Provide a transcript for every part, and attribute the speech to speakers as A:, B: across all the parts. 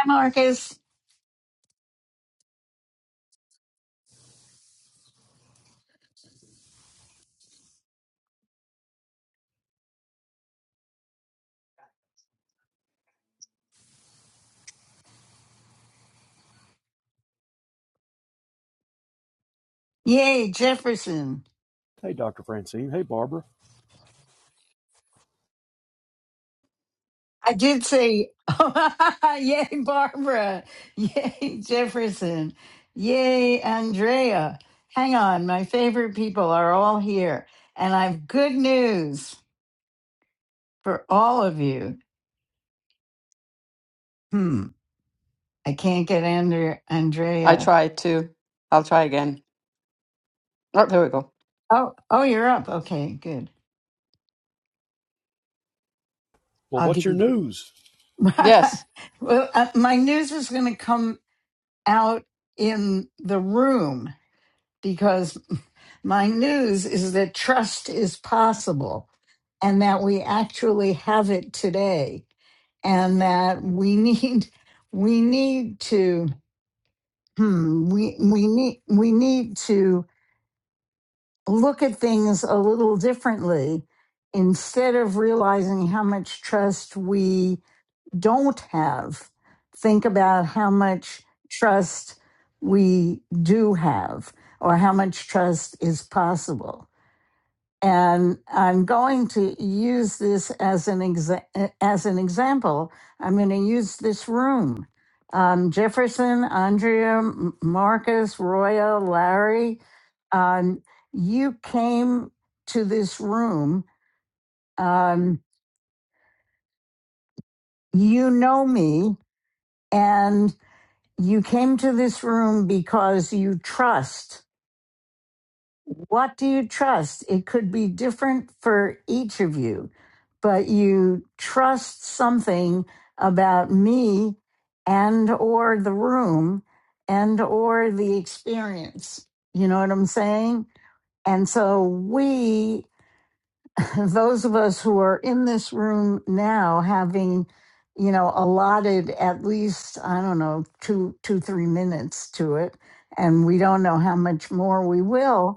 A: Hi, Marcus. Yay, Jefferson.
B: Hey, Dr. Francine. Hey, Barbara.
A: I did say, yay, Barbara. Yay, Jefferson. Yay, Andrea. Hang on, my favorite people are all here. And I've good news for all of you. Hmm, I can't get Andre-
C: I
A: Andrea.
C: tried to. I'll try again. Oh, there we go.
A: Oh, oh, you're up. Okay, good.
B: Well,
A: I'll
B: what's
A: give
B: your
A: you.
B: news?
C: Yes.
A: well, uh, my news is going to come out in the room because my news is that trust is possible and that we actually have it today and that we need we need to hmm, we we need we need to look at things a little differently instead of realizing how much trust we don't have think about how much trust we do have or how much trust is possible and I'm going to use this as an exa- eh, as an example. I'm going to use this room. Um, Jefferson, Andrea, M- Marcus, Roya, Larry, um, you came to this room. Um, you know me, and you came to this room because you trust. what do you trust? It could be different for each of you, but you trust something about me and or the room and or the experience. You know what I'm saying? And so we those of us who are in this room now having you know allotted at least i don't know two two three minutes to it and we don't know how much more we will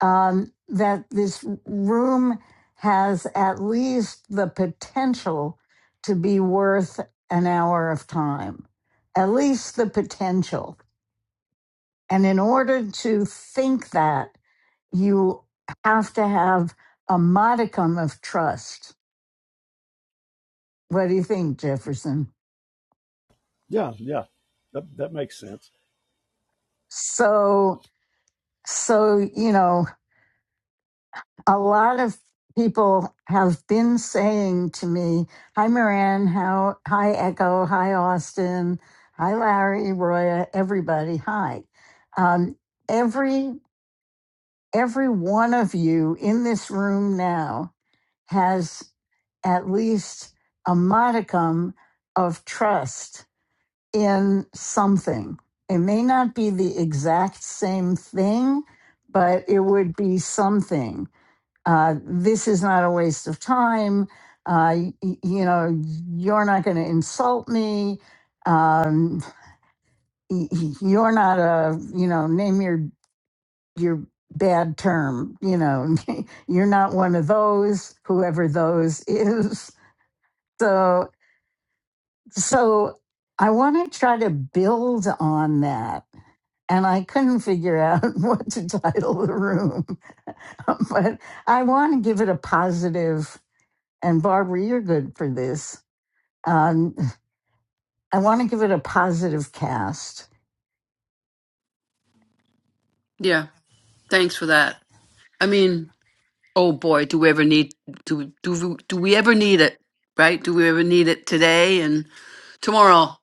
A: um, that this room has at least the potential to be worth an hour of time at least the potential and in order to think that you have to have a modicum of trust What do you think, Jefferson?
B: Yeah, yeah. That, that makes sense.
A: So, so, you know, a lot of people have been saying to me, hi, Moran, how, hi, Echo, hi, Austin, hi, Larry, Roya, everybody, hi. Um, every, every one of you in this room now has at least a modicum of trust in something. It may not be the exact same thing, but it would be something. Uh, this is not a waste of time. Uh, y- y- you know, you're not going to insult me. Um, y- y- you're not a, you know, name your your bad term. You know, you're not one of those. Whoever those is. So, so I want to try to build on that and I couldn't figure out what to title the room. but I want to give it a positive, and Barbara, you're good for this. Um, I want to give it a positive cast.
C: Yeah, thanks for that. I mean, oh boy, do we ever need do do we- do we ever need it, right? Do we ever need it today and tomorrow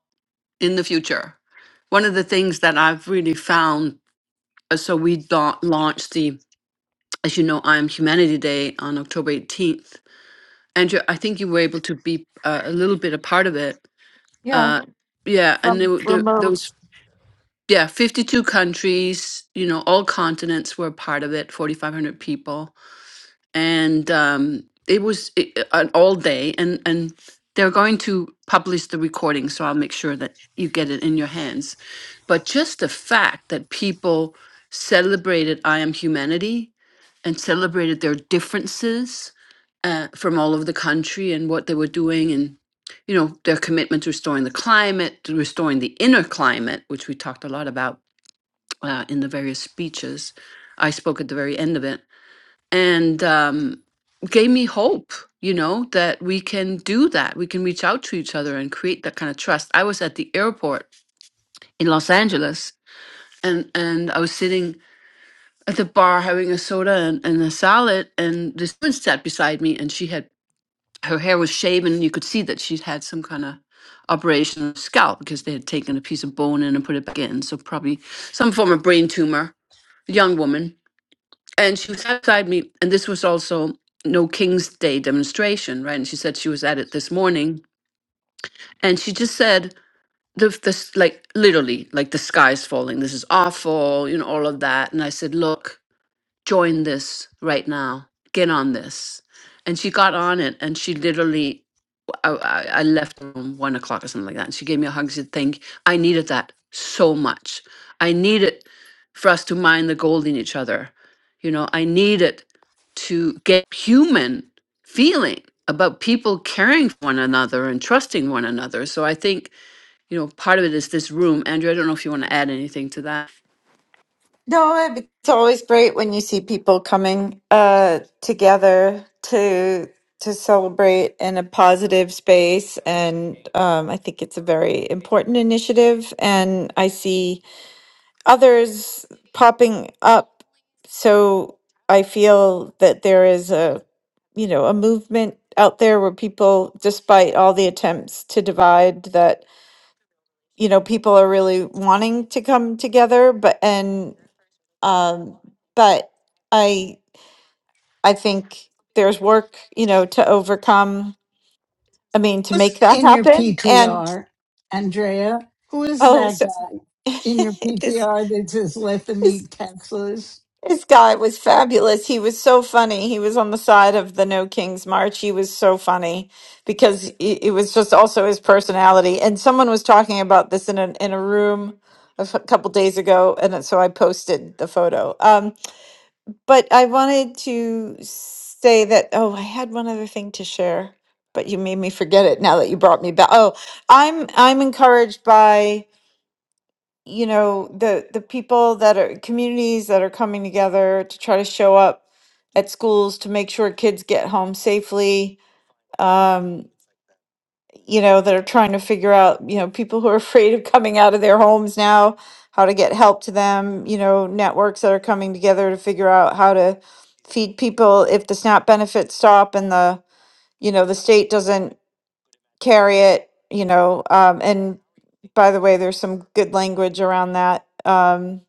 C: in the future? One of the things that I've really found, uh, so we da- launched the, as you know, I Am Humanity Day on October 18th. Andrew, I think you were able to be uh, a little bit a part of it.
D: Yeah,
C: Uh, yeah, and there,
D: from
C: were- there, there
D: remote.
C: was yeah, 52 countries, you know, all continents were part of it, 4,500 people. And um, it was i- i- an all day. And, and they're going to publish the recording, so I'll make sure that you get it in your hands. But just the fact that people celebrated I Am Humanity and celebrated their differences uh, from all over the country and what they were doing and you know their commitment to restoring the climate to restoring the inner climate which we talked a lot about uh, in the various speeches. I spoke at the very end of it and um, gave me hope, you know, that we can do that. We can reach out to each other and create that kind of trust. I was at the airport in Los Angeles and, and I was sitting at the bar having a soda and, and a salad. And this woman sat beside me and she had her hair was shaven. You could see that she'd had some kind of operation on her scalp because they had taken a piece of bone in and put it back in. So probably some form of brain tumor, young woman and she was outside me and this was also no king's day demonstration right and she said she was at it this morning and she just said the, the s- like literally like the sky's falling this is awful you know all of that and i said look join this right now. Get on this. And she got on it and she literally, I, I I left the room one o'clock or something like that. And she gave me a hug. She said, Thank you. I needed that so much. I needed for us to mine the gold in each other. You know, I needed to get human feeling about people caring for one another and trusting one another. So I think, you know, part of it is this room. Andrew, I don't know if you want to add anything to that.
D: No, it- it's always great when you see people coming uh together to to celebrate in a positive space and um I think it's a very important initiative and I see others popping up so I feel that there is a you know a movement out there where people despite all the attempts to divide that you know people are really wanting to come together but and um but i i think there's work you know to overcome i mean to
A: Who's
D: make that
A: in your
D: happen and
A: PTR, Andrea? Who is
D: oh
A: that
D: so
A: guy in your
D: this
A: PTR that says, let them
D: this
A: eat Teslas?
D: this guy was fabulous he was so funny he was on the side of the no kings march he was so funny because it, it was just also his personality and someone was talking about this in a in a room a f- couple days ago and so i posted the photo Um, But I wanted to say that, oh, I had one other thing to share, but you made me forget it now that you brought me back. Oh, I'm I'm encouraged by, you know, the the people that are communities that are coming together to try to show up at schools to make sure kids get home safely. Um, you know, that are trying to figure out, you know, people who are afraid of coming out of their homes now, how to get help to them, you know, networks that are coming together to figure out how to feed people if the SNAP benefits stop and the, you know, the state doesn't carry it, you know, um, and by the way, there's some good language around that. Um,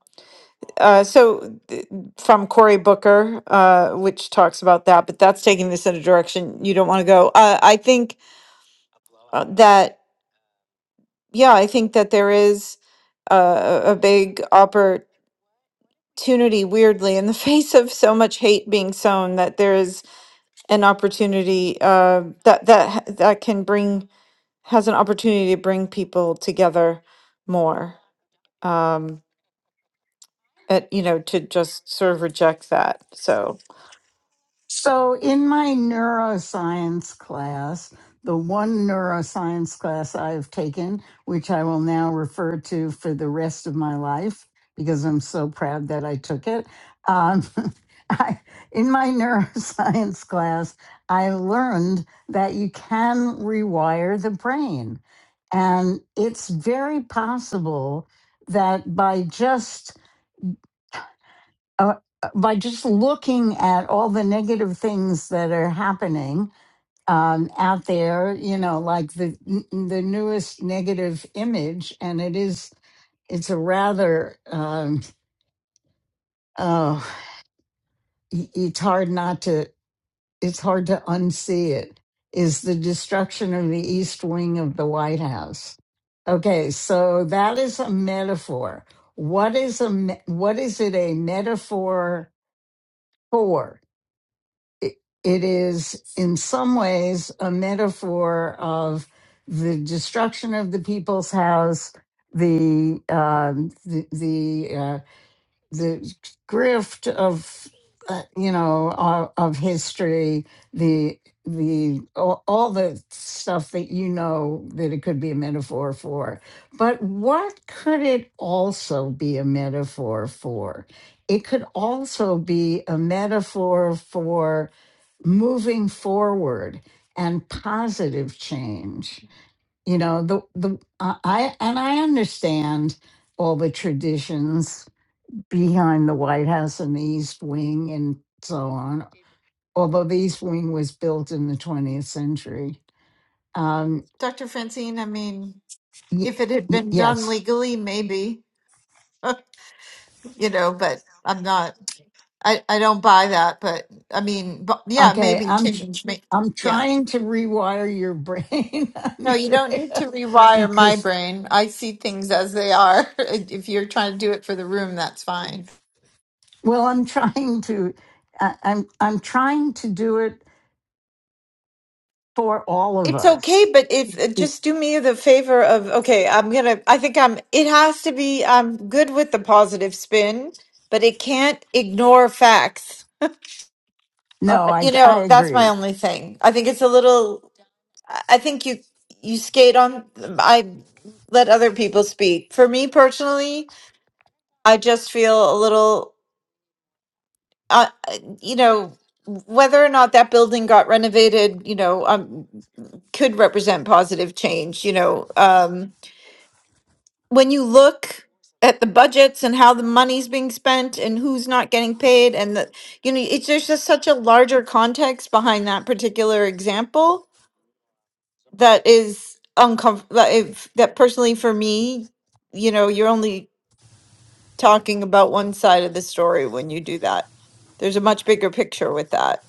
D: uh, so th- from Cory Booker, uh, which talks about that, but that's taking this in a direction you don't want to go. Uh, I think uh, that yeah, I think that there is a, a big opportunity, weirdly, in the face of so much hate being sown, that there is an opportunity uh, that that that can bring has an opportunity to bring people together more. Um, at, you know, to just sort of reject that. So
A: So, in my neuroscience class, the one neuroscience class I've taken, which I will now refer to for the rest of my life because I'm so proud that I took it. Um, I, in my neuroscience class, I learned that you can rewire the brain. And it's very possible that by just uh, by just looking at all the negative things that are happening um, out there, you know, like the the newest negative image, and it is it's a rather um, oh, y- it's hard not to it's hard to unsee it. Is the destruction of the East Wing of the White House? Okay, so that is a metaphor. What is a me- what is it a metaphor for? it, it is in some ways a metaphor of the destruction of the people's house, the um, the the, uh, the grift of uh, you know of, of history, the the all, all the stuff that you know that it could be a metaphor for. But what could it also be a metaphor for? It could also be a metaphor for moving forward and positive change you know the the i I- and i understand all the traditions behind the white house and the east wing and so on although the east wing was built in the 20th century um
D: Dr. Francine, I mean,
A: y-
D: if it had
A: y-
D: been done
A: yes
D: legally, maybe, you know, but I'm not, I, I don't buy that. But I mean, but yeah,
A: okay
D: maybe
A: i'm tr-
D: change me.
A: i'm
D: Yeah.
A: trying to rewire your brain
D: No, you don't need
A: andrea
D: to rewire my
A: because
D: brain. I see things as they are. If you're trying to do it for the room, that's fine.
A: well i'm trying to I- i'm i'm trying to do it for all of
D: It's okay,
A: us.
D: but if uh, just do me the favor of okay, I'm gonna. I think I'm. It has to be. I'm good with the positive spin, but it can't ignore facts.
A: No, I,
D: You
A: I
D: know, that's my
A: agree.
D: only thing. I think it's a little. I I think you you skate on. I let other people speak. For me personally, I just feel a little. Uh, you know, whether or not that building got renovated, you know, um, could represent positive change. You know, um, when you look at the budgets and how the money's being spent and who's not getting paid, and the you know, it's there's just such a larger context behind that particular example that is uncomfortable that, if- that personally for me you know you're only talking about one side of the story when you do that there's a much bigger picture with that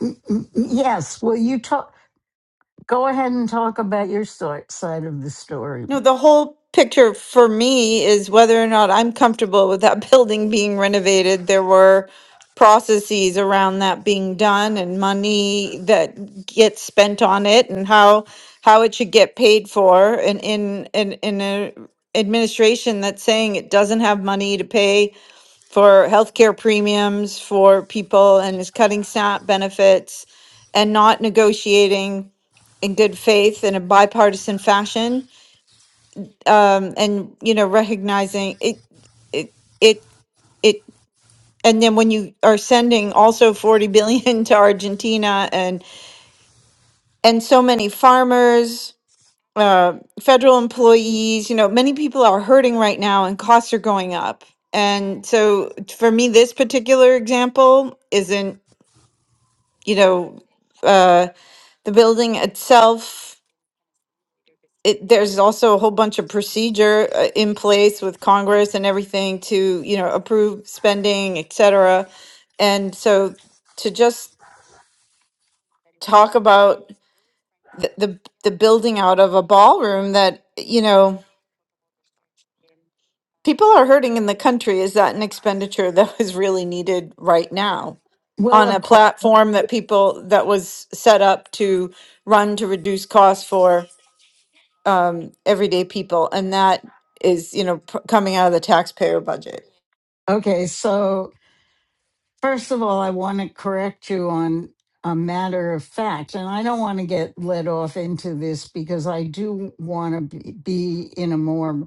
A: Mm, mm, mm, Yes. Well, you talk. Go ahead and talk about your sort, side of the story.
D: no the whole picture for me is whether or not i'm comfortable with that building being renovated there were processes around that being done and money that gets spent on it and how how it should get paid for and in in in a administration that's saying it doesn't have money to pay for healthcare premiums for people and is cutting SNAP benefits and not negotiating in good faith in a bipartisan fashion. Um, and you know, recognizing it, it, it, it, and then when you are sending also 40 billion to Argentina and and so many farmers uh, federal employees, you know, many people are hurting right now and costs are going up. And so for me, this particular example isn't, you know, uh, the building itself. It, there's also a whole bunch of procedure uh, in place with Congress and everything to, you know, approve spending, et cetera. And so to just talk about the, the, the building out of a ballroom that, you know, People are hurting in the country. Is that an expenditure that was really needed right now
A: Well,
D: on a
A: of cour-
D: platform that people that was set up to run to reduce costs for um, everyday people? And that is, you know, p- coming out of the taxpayer budget.
A: okay. So First of all, I want to correct you on a matter of fact, and I don't want to get led off into this because I do want to be, be in a more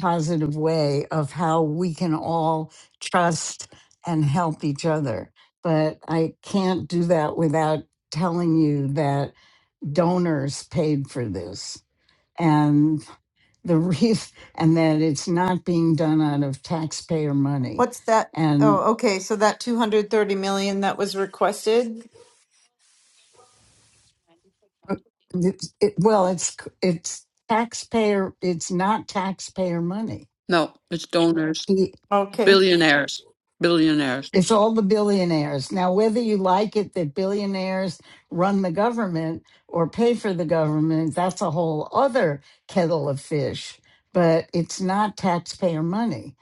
A: positive way of how we can all trust and help each other. But I can't do that without telling you that donors paid for this. And the reason, and that it's not being done out of taxpayer money.
D: What's that? Oh, okay, so that 230 million that was requested?
A: It's- It, well, it's it's taxpayer. It's not taxpayer money.
C: No, it's donors.
A: He,
D: Okay.
C: billionaires billionaires
A: it's all the billionaires. Now, whether you like it that billionaires run the government or pay for the government, that's a whole other kettle of fish. But it's not taxpayer money.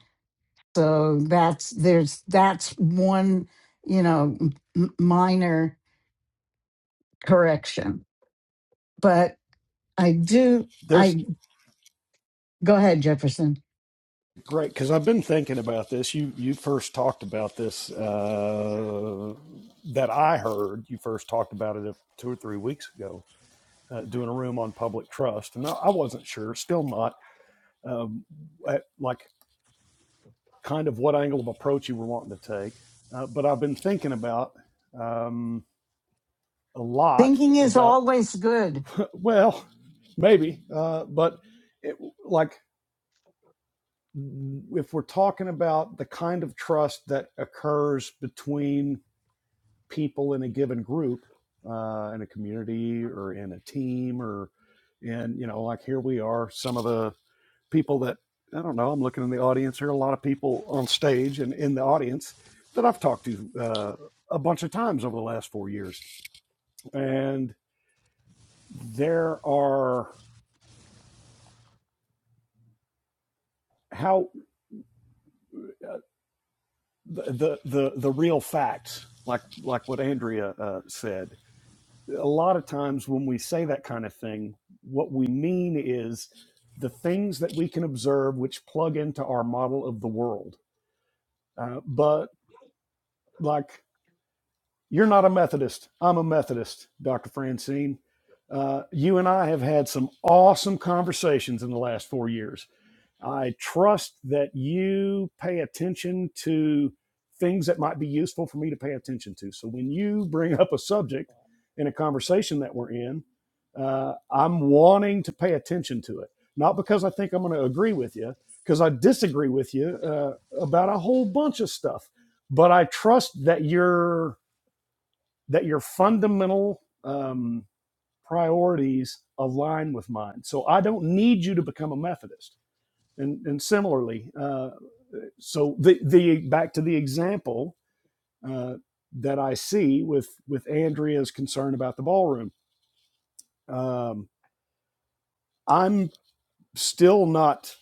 A: So that's there's that's one you know m- minor correction. But I do
B: There's
A: I go ahead Jefferson.
B: great because I've been thinking about this. You you first talked about this uh, that I heard. You first talked about it uh, two or three weeks ago, uh, doing a room on public trust, and I, I wasn't sure, still not, um, at, like kind of what angle of approach you were wanting to take. Uh, but I've been thinking about um, a lot
A: Thinking is
B: about
A: always good.
B: Well, maybe, uh, but it, like if we're talking about the kind of trust that occurs between people in a given group, uh, in a community or in a team, or in you know, like here we are, some of the people that I don't know. I'm looking in the audience here. A lot of people on stage and in the audience that I've talked to uh, a bunch of times over the last four years, and there are how. the the the real facts, like like what Andrea uh, said. A lot of times when we say that kind of thing, what we mean is the things that we can observe, which plug into our model of the world. Uh, but like you're not a Methodist, I'm a Methodist, Doctor Francine. Uh, you and I have had some awesome conversations in the last four years I trust that you pay attention to things that might be useful for me to pay attention to. So when you bring up a subject in a conversation that we're in, uh, I'm wanting to pay attention to it, not because I think I'm going to agree with you, because I disagree with you uh, about a whole bunch of stuff. But I trust that your that your fundamental um, priorities align with mine. So I don't need you to become a Methodist and and similarly uh, so the the back to the example uh, that i see with with andrea's concern about the ballroom um, i'm still not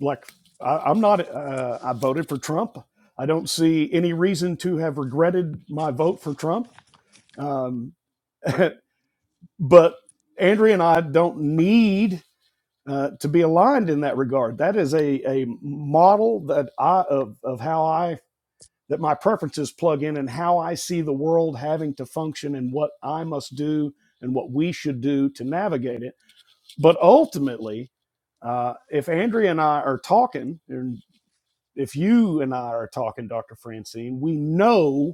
B: like I, i'm not uh, i voted for trump i don't see any reason to have regretted my vote for trump um, but andrea and i don't need uh, to be aligned in that regard, that is a, a model that I of, of how I that my preferences plug in and how I see the world having to function and what I must do and what we should do to navigate it. But ultimately, uh, if Andrea and I are talking, and if you and I are talking, Dr. Francine, we know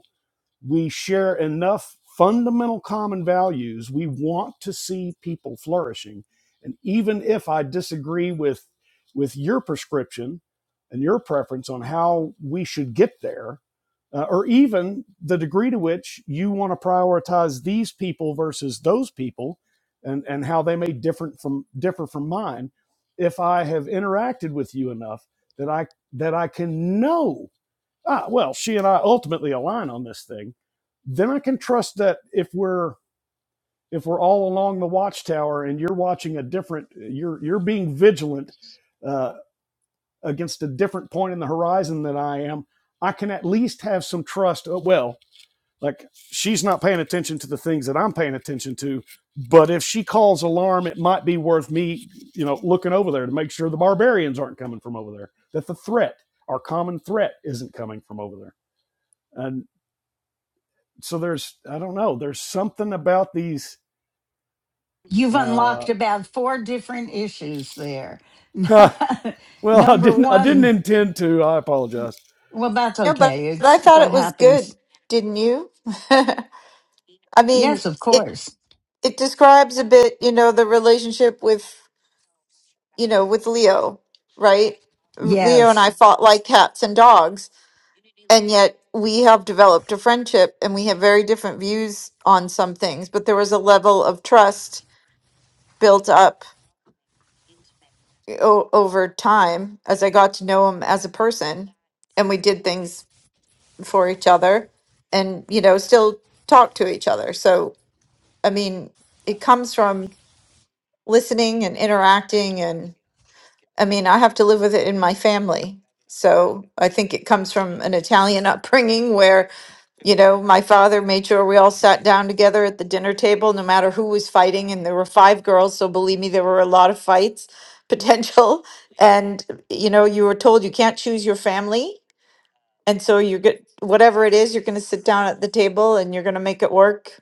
B: we share enough fundamental common values. We want to see people flourishing. And even if I disagree with, with your prescription and your preference on how we should get there, uh, or even the degree to which you want to prioritize these people versus those people and, and how they may different from, differ from mine, if I have interacted with you enough that I, that I can know ah, well, she and I ultimately align on this thing, then I can trust that if we're if we're all along the watchtower and you're watching a different, you're you're being vigilant uh, against a different point in the horizon than I am. I can at least have some trust. Uh, well, like she's not paying attention to the things that I'm paying attention to, but if she calls alarm, it might be worth me, you know, looking over there to make sure the barbarians aren't coming from over there, that the threat, our common threat, isn't coming from over there And so there's I don't know there's something about these
A: You've unlocked
B: uh
A: about four different issues there.
B: huh, well I
A: Number
B: didn't I didn't
A: one,
B: intend to I apologize
A: well, that's
D: Yeah, but,
A: okay.
D: but I
A: It's
D: thought
A: what
D: it was
A: happens.
D: good, didn't you? I mean,
A: Yes, of
D: it
A: course.
D: it describes a bit, you know, the relationship with, you know, with Leo, right? Leo and
A: Yes.
D: I fought like cats and dogs, and yet we have developed a friendship and we have very different views on some things, but there was a level of trust built up o- over time as I got to know him as a person and we did things for each other and you know still talk to each other so I mean it comes from listening and interacting and I mean I have to live with it in my family so I think it comes from an Italian upbringing you know, my father made sure we all sat down together at the dinner table, no matter who was fighting. And there were five girls. So believe me, there were a lot of fights potential. And, you know, you were told you can't choose your family. And so you're good, whatever it is, you're going to sit down at the table and you're going to make it work.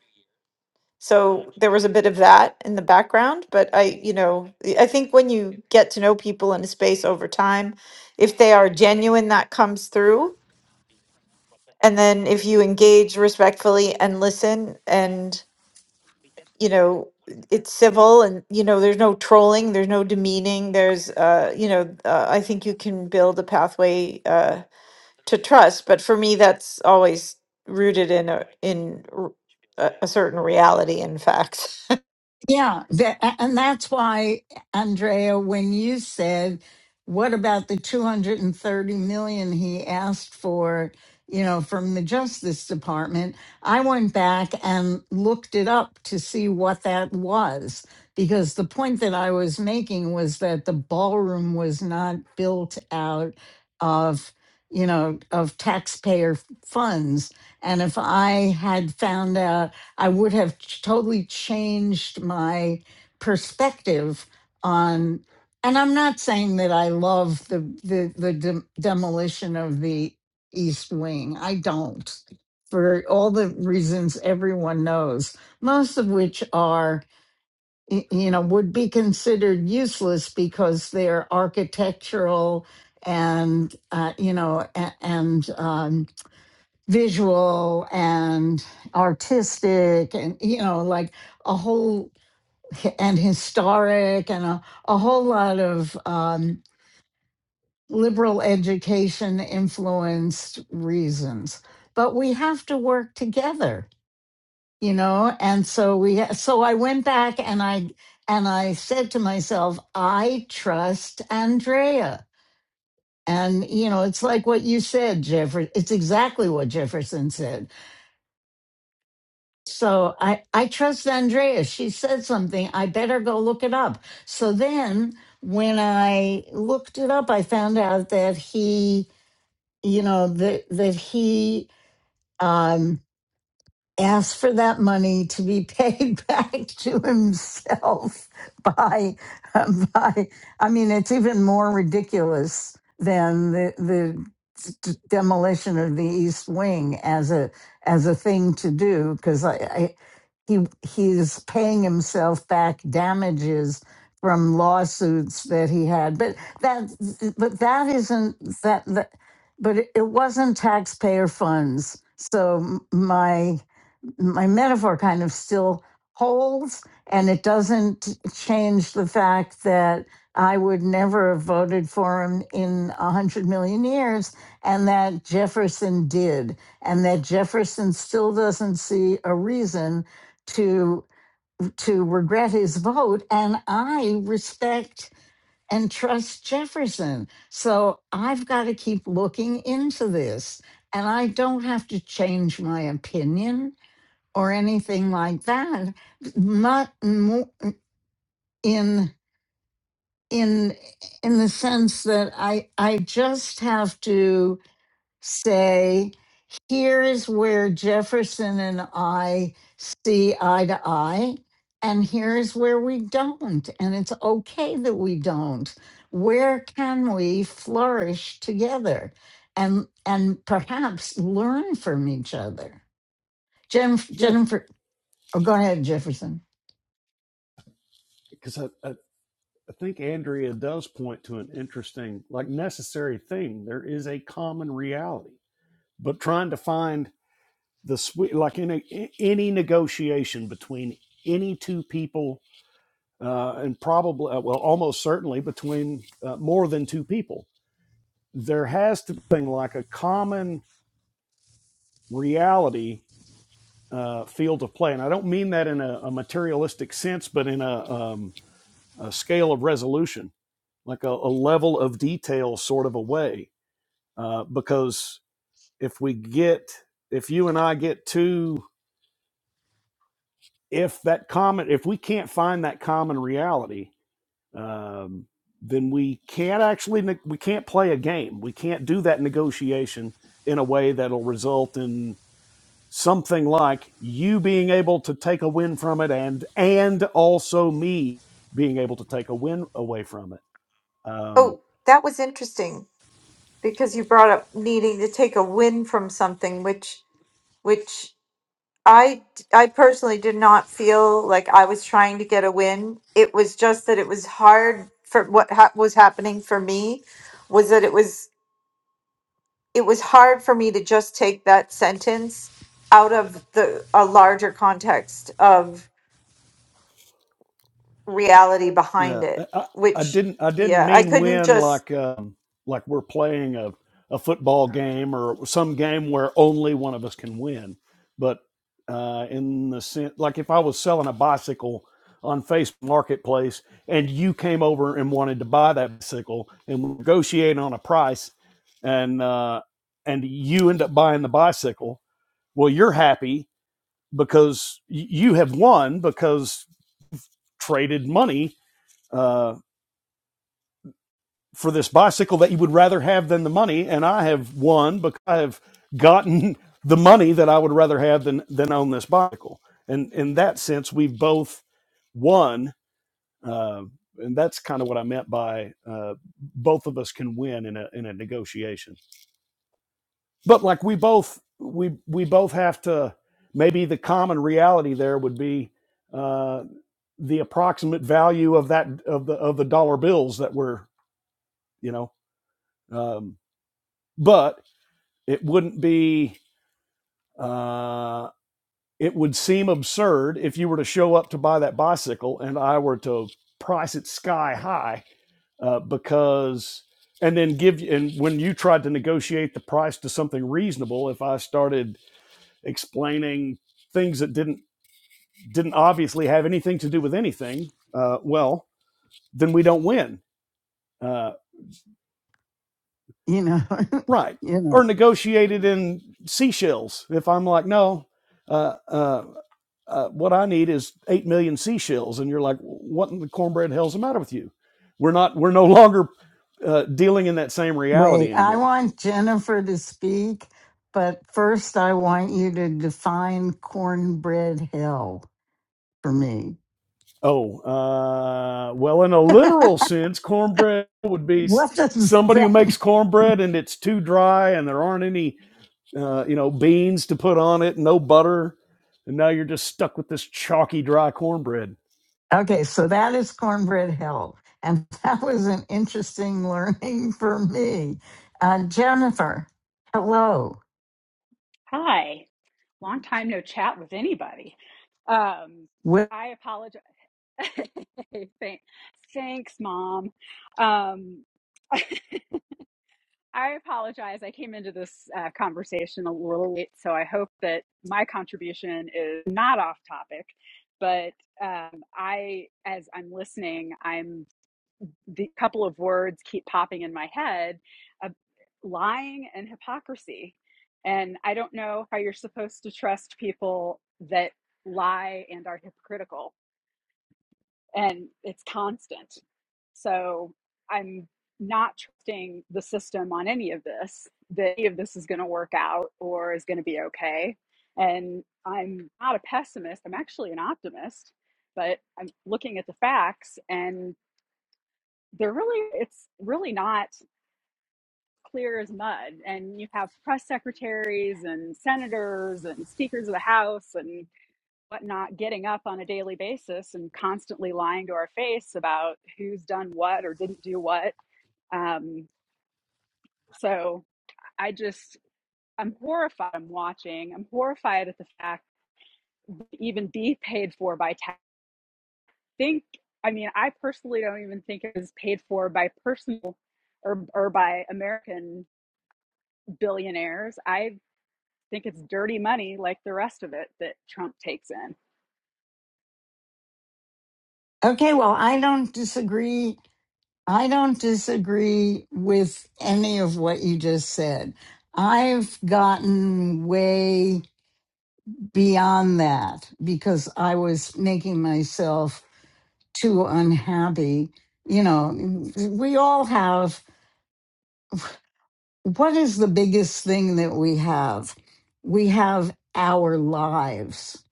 D: So there was a bit of that in the background. But I, you know, I think when you get to know people in a space over time, if they are genuine, that comes through and then if you engage respectfully and listen and you know it's civil and you know there's no trolling there's no demeaning there's uh you know uh, i think you can build a pathway uh to trust but for me that's always rooted in a in r- a, a certain reality and facts
A: Yeah, that, a- and that's why, Andrea, when you said, "What about the 230 million he asked for?" You know, from the Justice Department, I went back and looked it up to see what that was because the point that I was making was that the ballroom was not built out of you know of taxpayer funds and if i had found out I would have ch- totally changed my perspective on. And I'm not saying that I love the the the dem demolition of the East Wing. I don't, for all the reasons everyone knows, most of which are y- you know would be considered useless because they're architectural and uh, you know and, and um, visual and artistic and you know like a whole and historic and a, a whole lot of um, liberal education influenced reasons but we have to work together you know and so we so i went back and i and i said to myself i trust andrea and you know it's like what you said jefferson it's exactly what jefferson said So I, I trust Andrea. She said something. I better go look it up. So then when I looked it up, I found out that he, you know, that that he um, asked for that money to be paid back to himself by um, by I mean it's even more ridiculous than the the d- demolition of the east wing as a as a thing to do because I, I he he's paying himself back damages from lawsuits that he had but that but that isn't that, that but it it wasn't taxpayer funds so m- my my metaphor kind of still holds and it doesn't change the fact that I would never have voted for him in a hundred million years and that Jefferson did and that Jefferson still doesn't see a reason to to regret his vote and I respect and trust Jefferson. So I've got to keep looking into this and I don't have to change my opinion or anything like that not mo- in in in the sense that i i just have to say here is where jefferson and i see eye to eye and here is where we don't and it's okay that we don't where can we flourish together and and perhaps learn from each other Jen,
B: yeah
A: jennifer oh, go ahead jefferson
B: because I, I I think Andrea does point to an interesting like necessary thing there is a common reality but trying to find the sweet like in a- any negotiation between any two people uh, and probably uh, well almost certainly between uh, more than two people there has to be like a common reality uh, field of play. And I don't mean that in a, a materialistic sense, but in a, um, a scale of resolution, like a, a level of detail sort of a way. Uh, because if we get, if you and I get too, if that common, if we can't find that common reality, um, then we can't actually, we can't play a game. We can't do that negotiation in a way that'll result in something like you being able to take a win from it and and also me being able to take a win away from it Um,
D: oh that was interesting because you brought up needing to take a win from something which which I d- I personally did not feel like I was trying to get a win. It was just that it was hard for what ha- was happening for me was that it was it was hard for me to just take that sentence out of the a larger context of reality behind
B: Yeah, I,
D: it,
B: I I
D: which
B: didn't I didn't
D: yeah, I
B: mean
D: couldn't
B: win
D: just
B: like um, like we're playing a, a football game or some game where only one of us can win, but uh, in the sense like if I was selling a bicycle on Facebook Marketplace and you came over and wanted to buy that bicycle and we negotiate on a price and uh, and you end up buying the bicycle, well you're happy because y- you have won because traded money Uh, for this bicycle that you would rather have than the money, and I have won because I have gotten the money that I would rather have than than own this bicycle. And in that sense, we've both won, uh, and that's kind of what I meant by uh, both of us can win in a in a negotiation. But like we both we we both have to maybe the common reality there would be uh, the approximate value of that of the of the dollar bills that we're you know um, but it wouldn't be uh, it would seem absurd if you were to show up to buy that bicycle and i were to price it sky high uh, because and then give you and when you tried to negotiate the price to something reasonable if i started explaining things that didn't didn't obviously have anything to do with anything uh, well then we don't win Uh,
A: you know,
B: right
A: you know.
B: or negotiated in seashells if i'm like no uh, uh, uh, what i need is 8 million seashells and you're like what in the cornbread hell's the matter with you we're not we're no longer uh, dealing in that same reality
A: Wait, I
B: anymore
A: want Jennifer to speak, but first I want you to define cornbread hill for me.
B: oh uh, well in a literal sense cornbread would be
A: What does
B: somebody who
A: that?
B: makes cornbread and it's too dry and there aren't any uh, you know beans to put on it no butter and now you're just stuck with this chalky dry cornbread
A: Okay, so that is cornbread hill, and that was an interesting learning for me. Uh, Jennifer, hello.
E: Hi, long time no chat with anybody. Um,
A: Wh-
E: I apologize. Thank- Thanks, Mom. Um, I apologize. I came into this uh, conversation a little late, so I hope that my contribution is not off topic. But um, I, as I'm listening, I'm the couple of words keep popping in my head uh, lying and hypocrisy. And I don't know how you're supposed to trust people that lie and are hypocritical, and it's constant. So I'm not trusting the system on any of this, that any of this is going to work out or is going to be okay. And I'm not a pessimist, I'm actually an optimist, but I'm looking at the facts and they're really, it's really not clear as mud and you have press secretaries and senators and speakers of the house and whatnot getting up on a daily basis and constantly lying to our face about who's done what or didn't do what um, so i just i'm horrified i'm watching i'm horrified at the fact to even be paid for by tax I think i mean i personally don't even think it was paid for by personal or, or by american billionaires. I think it's dirty money like the rest of it that Trump takes in.
A: Okay, well, I don't disagree I don't disagree with any of what you just said. I've gotten way beyond that because I was making myself too unhappy. You know, we all have what is the biggest thing that we have? We have our lives.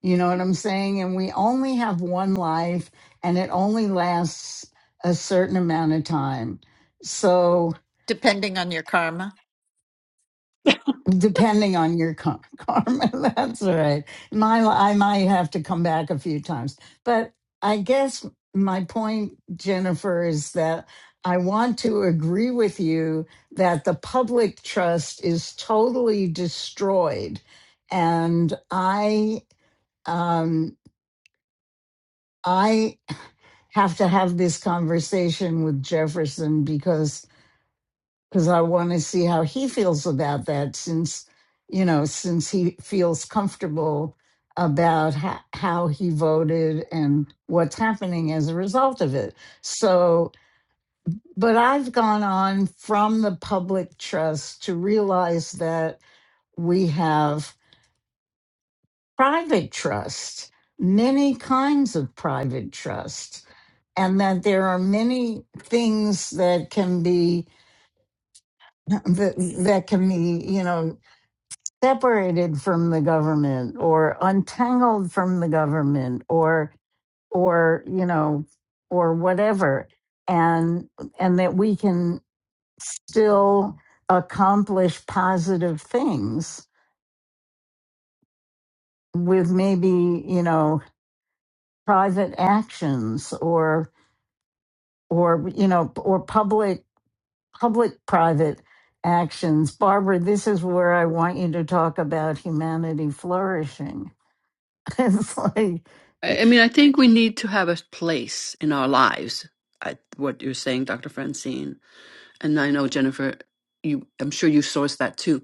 A: You know what I'm saying? And we only have one life and it only lasts a certain amount of time. So,
D: depending on your karma.
A: Depending on your kar- karma, that's right. My, I might have to come back a few times, but I guess my point, Jennifer, is that I want to agree with you that the public trust is totally destroyed, and I, um, I have to have this conversation with Jefferson because because I want to see how he feels about that since, you know, since he feels comfortable about ho- how he voted and what's happening as a result of it. So, but I've gone on from the public trust to realize that we have private trust, many kinds of private trust and that there are many things that can be that, that can be you know separated from the government or untangled from the government or or you know or whatever and and that we can still accomplish positive things with maybe you know private actions or or you know or public public private actions barbara this is where i want you to talk about humanity flourishing it's like
C: i I mean i think we need to have a place in our lives I, what you're saying dr francine and i know jennifer you i'm sure you source that too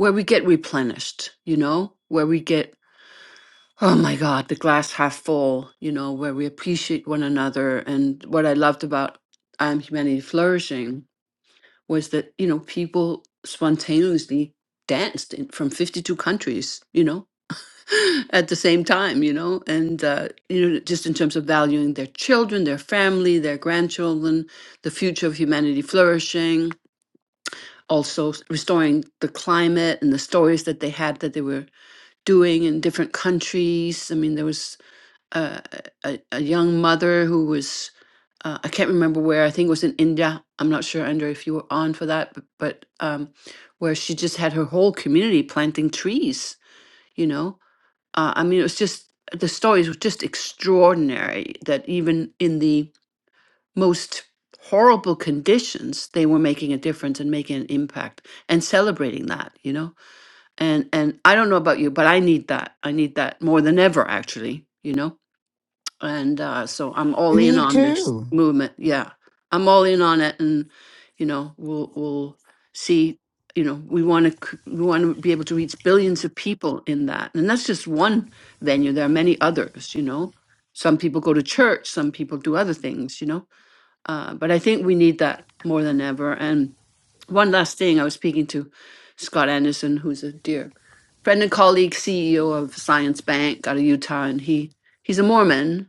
C: where we get replenished you know where we get oh my god the glass half full you know where we appreciate one another and what i loved about i am humanity flourishing was that you know people spontaneously danced in, from 52 countries you know at the same time, you know, and uh, you know, just in terms of valuing their children, their family, their grandchildren, the future of humanity flourishing, also s- restoring the climate and the stories that they had that they were doing in different countries. I mean, there was uh, a, a a young mother who was. Uh, I can't remember where. I think it was in India. I'm not sure, Andrea, if you were on for that, but, but um, where she just had her whole community planting trees, you know, uh, I mean, it was just the stories were just extraordinary that even in the most horrible conditions, they were making a difference and making an impact and celebrating that, you know? And and I don't know about you, but I need that. I need that more than ever actually, you know? and uh, so I'm all in
A: Me
C: on this
A: too.
C: movement. Yeah, I'm all in on it, and you know, we'll we'll see. You know, we want to we want to be able to reach billions of people in that, and that's just one venue. There are many others. You know, some people go to church, some people do other things. You know, uh, but I think we need that more than ever. And one last thing, I was speaking to Scott Anderson, who's a dear friend and colleague, CEO of Science Bank out of Utah, and he he's a Mormon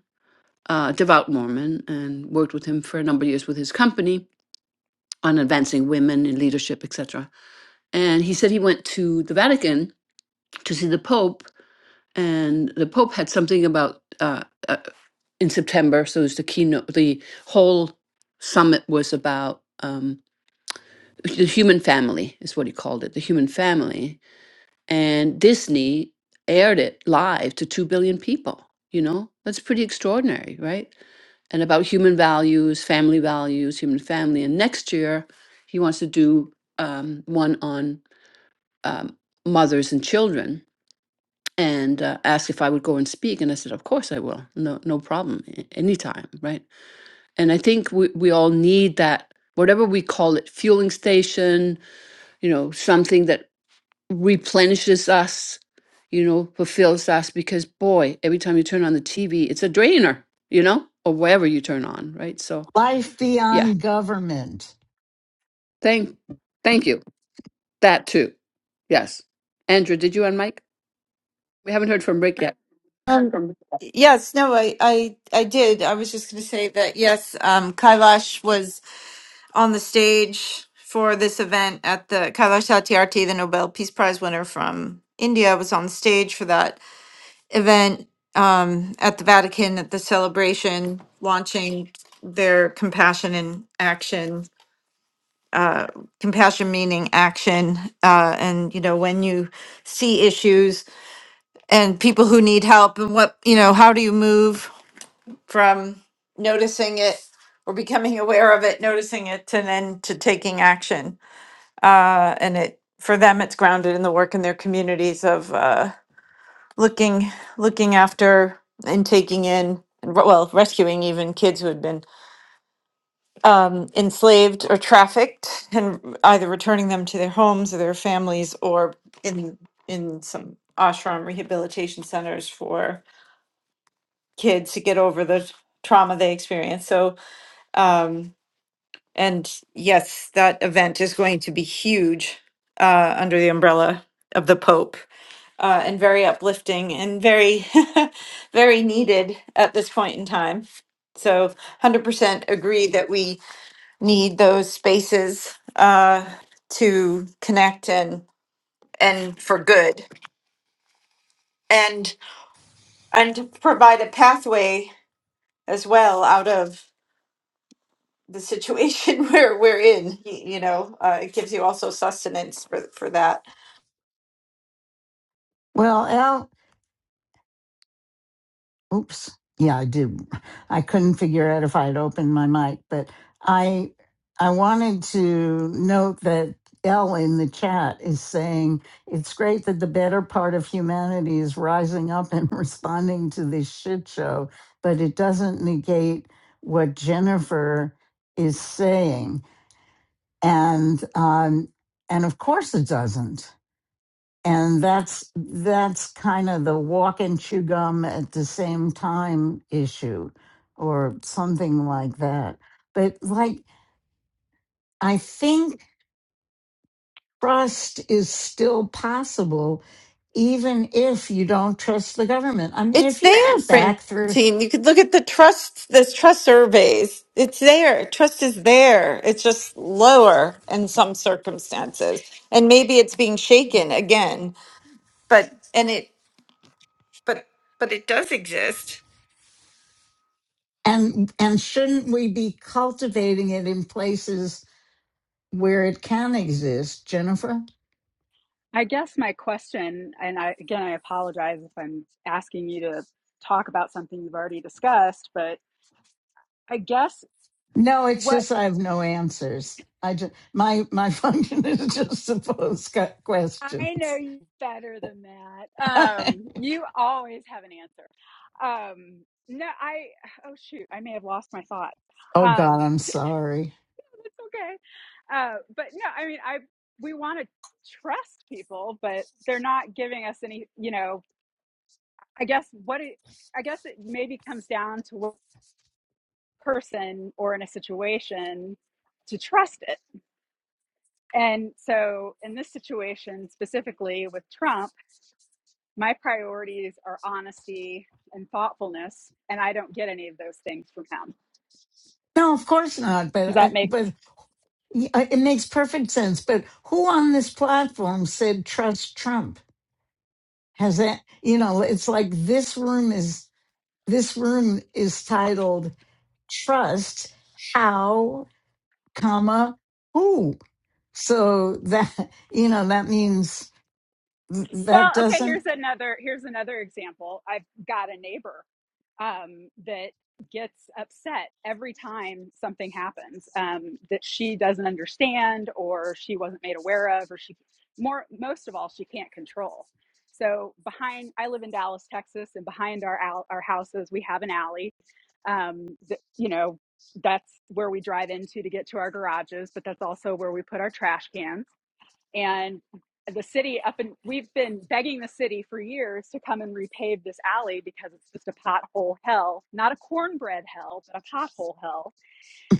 C: uh, devout Mormon, and worked with him for a number of years with his company on advancing women in leadership, etc. And he said he went to the Vatican to see the Pope, and the Pope had something about uh, uh, in September. So it was the keynote. The whole summit was about um, the human family, is what he called it, the human family. And Disney aired it live to two billion people. You know, that's pretty extraordinary, right? and about human values, family values, human family. And next year, he wants to do um, one on um, mothers and children and uh, asked if I would go and speak. And I said, Of course I will. No, no problem. a- Anytime. Right. And I think we, we all need that, whatever we call it, fueling station, you know, something that replenishes us, you know, fulfills us. Because boy, every time you turn on the TV, it's a drainer, you know, or wherever you turn on. Right. So,
A: Life
C: yeah
A: beyond government.
C: Thank, thank you. That too. Yes. Andrew, did you and We haven't heard from Rick yet.
D: um, Yes, no, I, I, I did. I was just going to say that yes, um, Kailash was. on the stage for this event at the Kailash Satyarthi, the Nobel Peace Prize winner from India, was on the stage for that event um, at the Vatican at the celebration, launching their compassion in action, uh, compassion meaning action. Uh, and, you know, when you see issues and people who need help, and what, you know, how do you move from noticing it or becoming aware of it, noticing it, and then to taking action uh, and it for them it's grounded in the work in their communities of uh, looking looking after and taking in and re- well rescuing even kids who had been um, enslaved or trafficked and either returning them to their homes or their families or in in some ashram rehabilitation centers for kids to get over the trauma they experienced so um, and yes that event is going to be huge uh, under the umbrella of the pope uh, and very uplifting and very, very needed at this point in time. So, 100% agree that we need those spaces uh, to connect and and for good, and and to provide a pathway as well out of the situation where we're in. y- You know, uh, it gives you also sustenance for for that.
A: Well, Al, oops. Yeah, I did. I couldn't figure out if I'd opened my mic, but I I wanted to note that L in the chat is saying it's great that the better part of humanity is rising up and responding to this shit show, but it doesn't negate what Jennifer is saying. And um and of course it doesn't and that's that's kind of the walk and chew gum at the same time issue or something like that but like i think trust is still possible even if you don't trust the government i mean
D: It's
A: if you
D: there,
A: think back through
D: Francine. You could look at the trust, this trust surveys. It's there. Trust is there. It's just lower in some circumstances. And maybe it's being shaken again, but, and it, but, but it does exist.
A: and and shouldn't we be cultivating it in places where it can exist jennifer
E: I guess my question, and I, again, I apologize if I'm asking you to talk about something you've already discussed, but I guess
A: No, it's
E: what
A: just I have no answers. I just my my function is just to pose cu-
E: I know
A: questions.
E: you better than that. Um, you always have an answer. Um, no, I, oh shoot, I may have lost my thought.
A: oh God,
E: Um,
A: I'm sorry.
E: it's okay. Uh, but no, I mean, I, we want to trust people, but they're not giving us any, you know, I guess what it, I guess it maybe comes down to what person or in a situation to trust it. And so in this situation specifically with Trump, my priorities are honesty and thoughtfulness, and I don't get any of those things from him.
A: No, of course not.
E: Does
A: But
E: that
A: I,
E: make
A: but I- it makes perfect sense. But who on this platform said trust Trump? Has that you know? It's like this room is this room is titled trust how comma who. So that you know that means th-
E: well,
A: that
E: okay,
A: doesn't
E: here's another here's another example. I've got a neighbor um, that gets upset every time something happens um, that she doesn't understand or she wasn't made aware of or she more most of all she can't control so behind i live in dallas texas and behind our our houses we have an alley um, that you know that's where we drive into to get to our garages but that's also where we put our trash cans and the city up and we've been begging the city for years to come and repave this alley because it's just a pothole hell not a cornbread hell but a pothole hell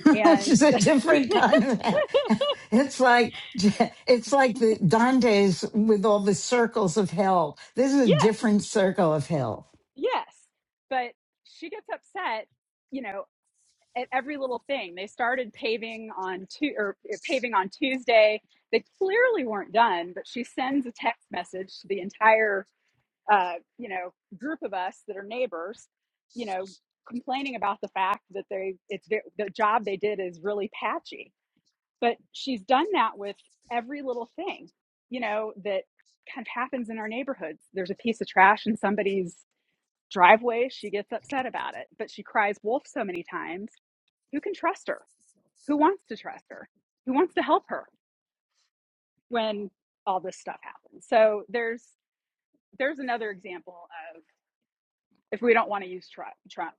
A: which
E: and
A: is a
E: the,
A: different kind of hell. It's like it's like the Dante's with all the circles of hell. This is a
E: yes
A: different circle of hell.
E: yes but she gets upset you know at every little thing they started paving on tu- or uh, paving on tuesday they clearly weren't done but she sends a text message to the entire uh, you know, group of us that are neighbors, you know, complaining about the fact that they it's the job they did is really patchy. But she's done that with every little thing, you know, that kind of happens in our neighborhoods. There's a piece of trash in somebody's driveway, she gets upset about it, but she cries wolf so many times. Who can trust her? Who wants to trust her? Who wants to help her when all this stuff happens? So there's there's another example of if we don't want to use Trump,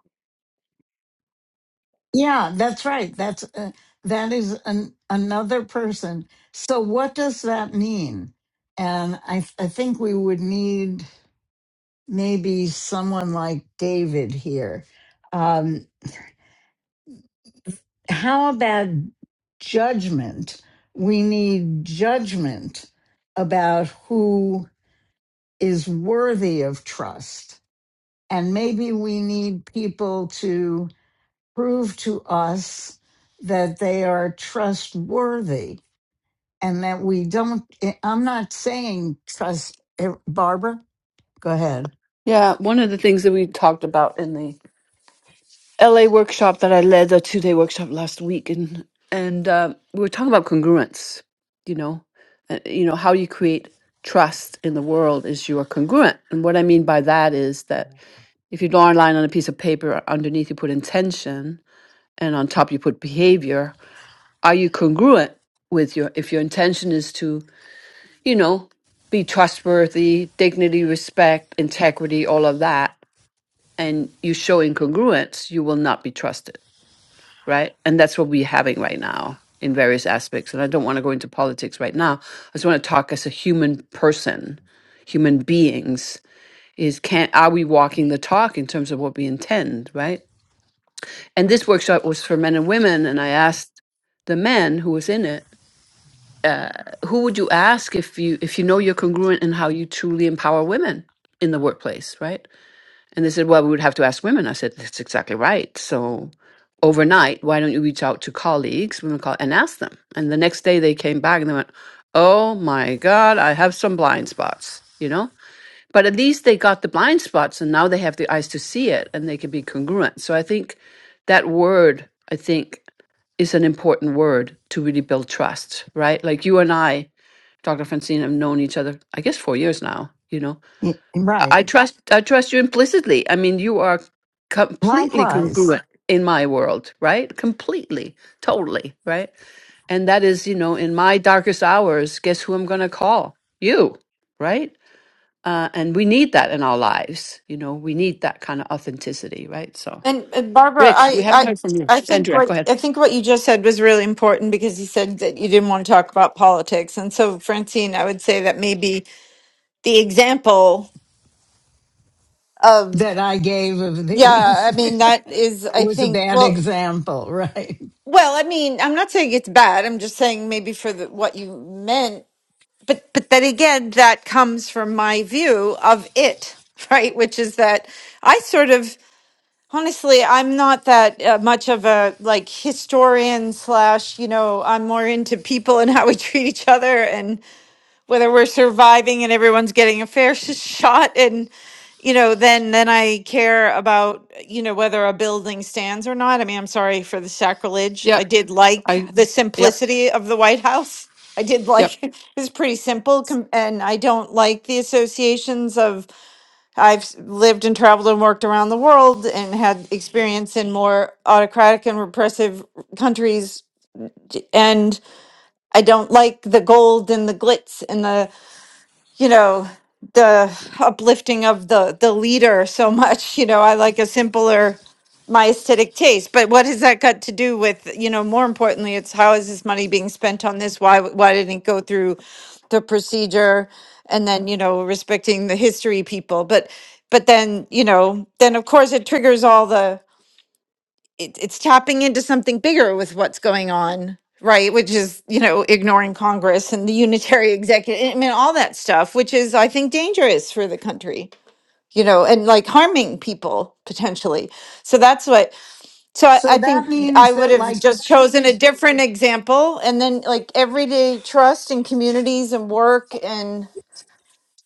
A: Yeah, that's right. That's uh, that is an, another person. So what does that mean? And I I think we would need maybe someone like David here. Um, how about judgment? We need judgment about who is worthy of trust. And maybe we need people to prove to us that they are trustworthy and that we don't. eh, I'm not saying trust, eh, Barbara, go ahead.
C: Yeah, one of the things that we talked about in the LA workshop that I led, the two day workshop last week, and and uh, we were talking about congruence. You know, uh, you know how you create trust in the world is you are congruent, and what I mean by that is that if you draw a line on a piece of paper, underneath you put intention, and on top you put behavior. Are you congruent with your? If your intention is to you know, be trustworthy, dignity, respect, integrity, all of that, and you show incongruence, you will not be trusted, right? And that's what we're having right now in various aspects. And I don't want to go into politics right now. I just want to talk as a human person, human beings. Is can are we walking the talk in terms of what we intend, right? And this workshop was for men and women, and I asked the men who was in it uh, who would you ask if you if you know you're congruent in how you truly empower women in the workplace, right? And they said, well, we would have to ask women. I said, that's exactly right. So overnight, why don't you reach out to colleagues, women call, and ask them? And the next day, they came back and they went, oh my god, I have some blind spots, you know. But at least they got the blind spots, and now they have the eyes to see it, and they can be congruent. So I think that word, I think, is an important word to really build trust, right? Like you and I Dr. Francine have known each other, I guess, four years now. You know, I,
A: Right.
C: I trust I trust you implicitly. I mean, you are completely
A: Likewise,
C: congruent in my world, right? Completely, totally, right? And that is, you know, in my darkest hours, guess who I'm going to call? You, right? Uh, and we need that in our lives. You know, we need that kind of authenticity, right? So,
D: And, and Barbara,
C: Rick,
D: I,
C: we haven't
D: I,
C: heard from you.
D: I think
C: Andrea, go
D: what
C: ahead.
D: I think what you just said was really important because you said that you didn't want to talk about politics. And so Francine, I would say that maybe the example of
A: that I gave of
D: yeah, I
A: these
D: mean that is I
A: was a
D: think
A: bad
D: well
A: example, right?
D: Well, I mean, I'm not saying it's bad. I'm just saying maybe for the, what you meant, but but then again, that comes from my view of it, right? Which is that I sort of honestly, I'm not that uh, much of a like historian slash, you know, I'm more into people and how we treat each other and whether we're surviving and everyone's getting a fair sh- shot. and you know, then then I care about you know whether a building stands or not. I mean, I'm sorry for the sacrilege. I
C: Yep,
D: did like
C: I,
D: the
C: yep,
D: simplicity of the White House. I did
C: yep.
D: like it's pretty simple, com- and I don't like the associations of I've s- lived and traveled and worked around the world and had experience in more autocratic and repressive countries, and I don't like the gold and the glitz and the you know the uplifting of the the leader so much you know i like a simpler my aesthetic taste but what has that got to do with you know more importantly it's how is this money being spent on this why why didn't it go through the procedure and then you know respecting the history people but but then you know then of course it triggers all the it, it's tapping into something bigger with what's going on right which is you know ignoring congress and the unitary executive i mean all that stuff which is i think dangerous for the country you know and like harming people potentially so that's what so i,
A: So
D: I
A: that
D: think i
A: means
D: would
A: that,
D: have
A: like,
D: just chosen a different example and then like everyday trust in communities and work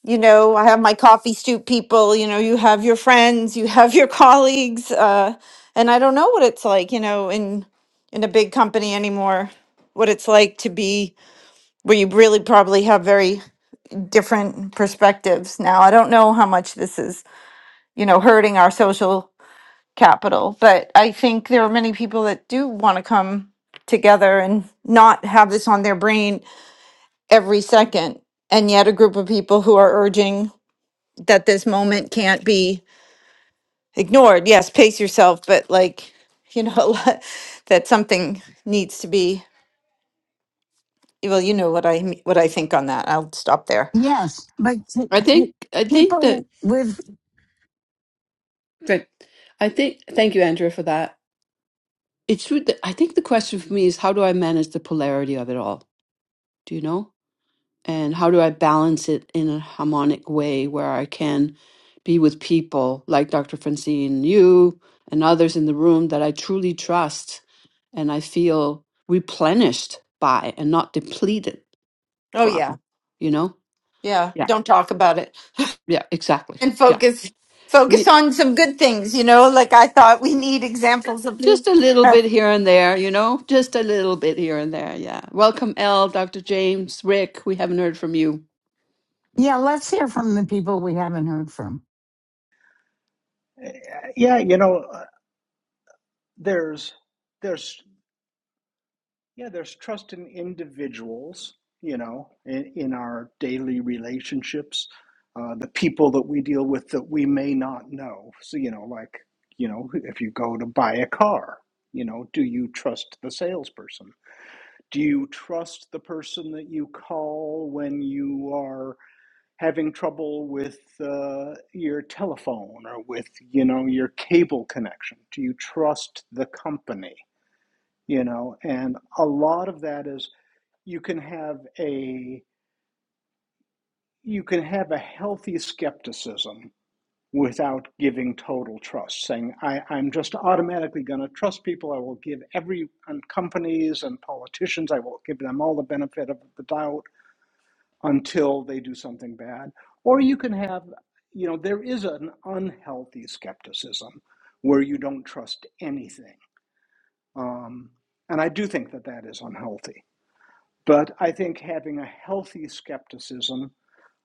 D: you know, I have my coffee stoop people, you know, you have your friends, you have your colleagues, uh, and I don't know what it's like, you know, in in a big company anymore, what it's like to be where you really probably have very different perspectives now. I don't know how much this is, you know, hurting our social capital, but I think there are many people that do want to come together and not have this on their brain every second. And yet a group of people who are urging that this moment can't be ignored. Yes, pace yourself, but like, you know, that something needs to be, well, you know what I me- what I think on that. I'll stop there.
A: yes, but
C: I think I think that
A: people with,
C: Great. I think, thank you, Andrea, for that. It's true that I think the question for me is how do I manage the polarity of it all? Do you know? And how do I balance it in a harmonic way where I can be with people like Dr. Francine, you, and others in the room that I truly trust and I feel replenished by and not depleted
D: Oh
C: from,
D: yeah.
C: you know?
D: Yeah,
C: Yeah.
D: don't talk about it.
C: Yeah, exactly.
D: And focus
C: Yeah.
D: focus on some good things, you know, like I thought we need examples of
C: Just a little bit here and there, you know, just a little bit here and there. Yeah. Welcome, L, Dr. James, Rick. We haven't heard from you.
A: yeah, let's hear from the people we haven't heard from.
F: Yeah, you know, uh, there's there's yeah, there's trust in individuals, you know, in, in our daily relationships, uh, the people that we deal with that we may not know. So, you know, like, you know, if you go to buy a car, you know, do you trust the salesperson? Do you trust the person that you call when you are having trouble with uh, your telephone or with you know your cable connection do you trust the company you know and a lot of that is you can have a you can have a healthy skepticism without giving total trust saying I, i'm just automatically going to trust people i will give every and companies and politicians i will give them all the benefit of the doubt until they do something bad. Or you can have, you know, there is an unhealthy skepticism where you don't trust anything. Um, and I do think that that is unhealthy. But I think having a healthy skepticism,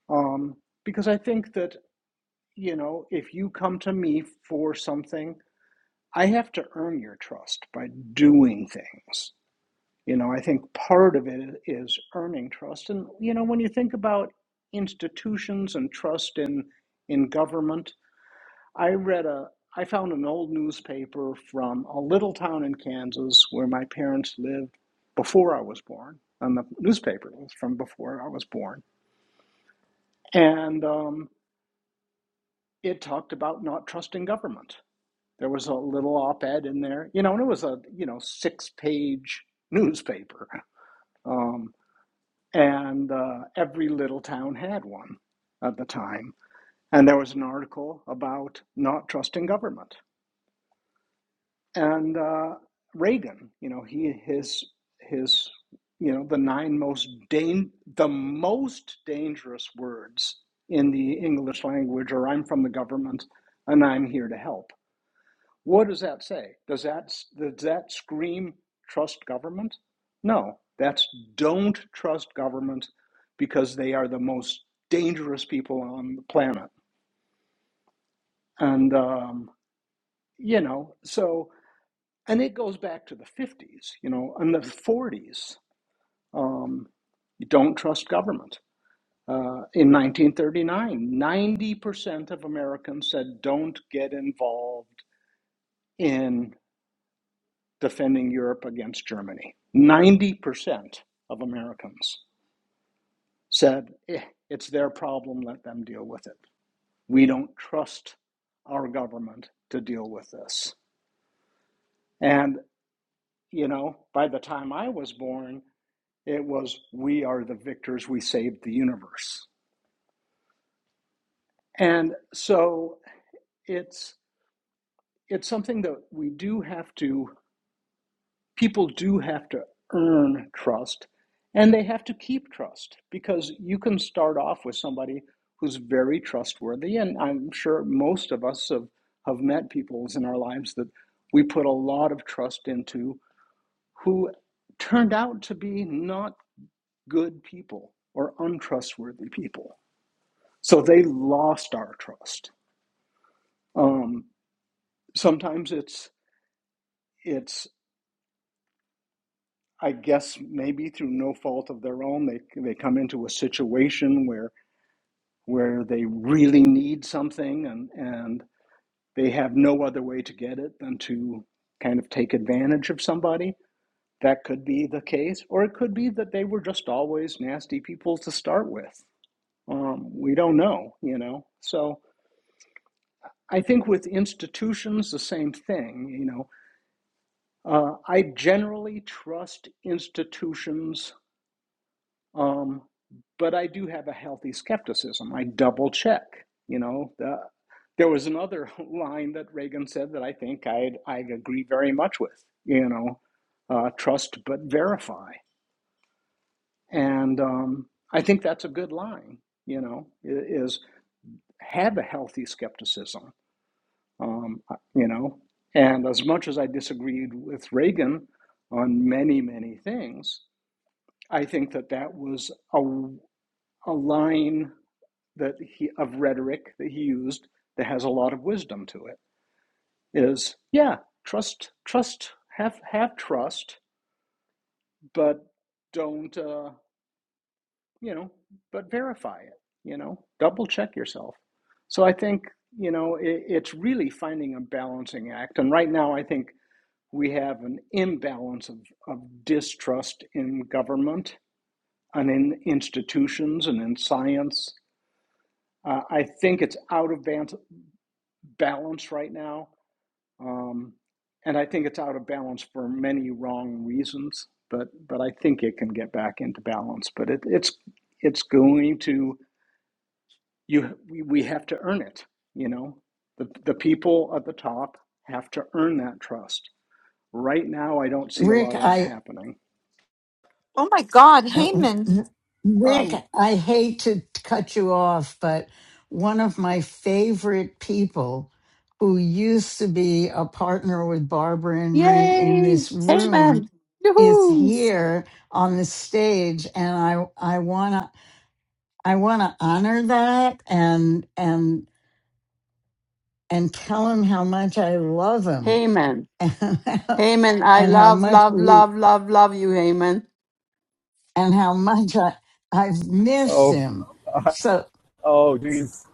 F: um, because I think that, you know, if you come to me for something, I have to earn your trust by doing things. You know, I think part of it is earning trust. And, you know, when you think about institutions and trust in, in government, I read a, I found an old newspaper from a little town in Kansas where my parents lived before I was born. And the newspaper was from before I was born. And um, it talked about not trusting government. There was a little op ed in there, you know, and it was a, you know, six page newspaper. Um, and uh, every little town had one at the time. And there was an article about not trusting government. And uh, Reagan, you know, he his his you know the nine most dan- the most dangerous words in the English language are "I'm from the government" and "I'm here to help." What does that say? Does that does that scream trust government? No, that's don't trust government because they are the most dangerous people on the planet. And um, you know, so and it goes back to the fifties, you know, and the forties. Um, you don't trust government. Uh, in 1939, 90% of Americans said don't get involved in. defending Europe against Germany. 90% of Americans said, eh, it's their problem, let them deal with it. We don't trust our government to deal with this. And, you know, by the time I was born, it was, we are the victors, we saved the universe. And so it's, it's something that we do have to people do have to earn trust and they have to keep trust because you can start off with somebody who's very trustworthy and i'm sure most of us have, have met people in our lives that we put a lot of trust into who turned out to be not good people or untrustworthy people so they lost our trust um, sometimes it's it's I guess maybe through no fault of their own, they they come into a situation where where they really need something and and they have no other way to get it than to kind of take advantage of somebody. That could be the case, or it could be that they were just always nasty people to start with. Um, we don't know, you know. So I think with institutions, the same thing. You know, uh, I generally trust institutions Um, but I do have a healthy skepticism. I double check. You know, the, there was another line that Reagan said that I think I I agree very much with. You know, uh, trust but verify, and um, I think that's a good line. You know, is have a healthy skepticism. Um, uh, you know, and as much as I disagreed with Reagan on many many things, I think that that was a a line that he of rhetoric that he used that has a lot of wisdom to it is yeah trust trust have have trust but don't uh, you know but verify it you know double check yourself so i think you know it, it's really finding a balancing act and right now i think we have an imbalance of, of distrust in government and in institutions and in science uh, i think it's out of balance right now Um, and I think it's out of balance for many wrong reasons, but but I think it can get back into balance. But it, it's it's going to you we we have to earn it, you know. The the people at the top have to earn that trust. Right now I don't see a
A: Rick,
F: lot of that
A: I
F: happening.
D: Oh my God,
A: uh,
D: Haman
B: I
A: Rick, I hate to cut you off, but one of my favorite people who used to be a partner with Barbara and me in
C: Yay!
A: this
C: Hey,
A: room
C: man!
A: is
C: Yoo-hoo.
A: here on the stage and I I want to I want to honor that and and and tell him how much I love him
C: Heyman.
A: and,
C: Heyman, I
A: and how
C: love,
A: much
C: love,
A: we
C: love, love, love you, Heyman.
A: and how much I, I've missed
G: Oh,
A: him. So
G: oh, geez.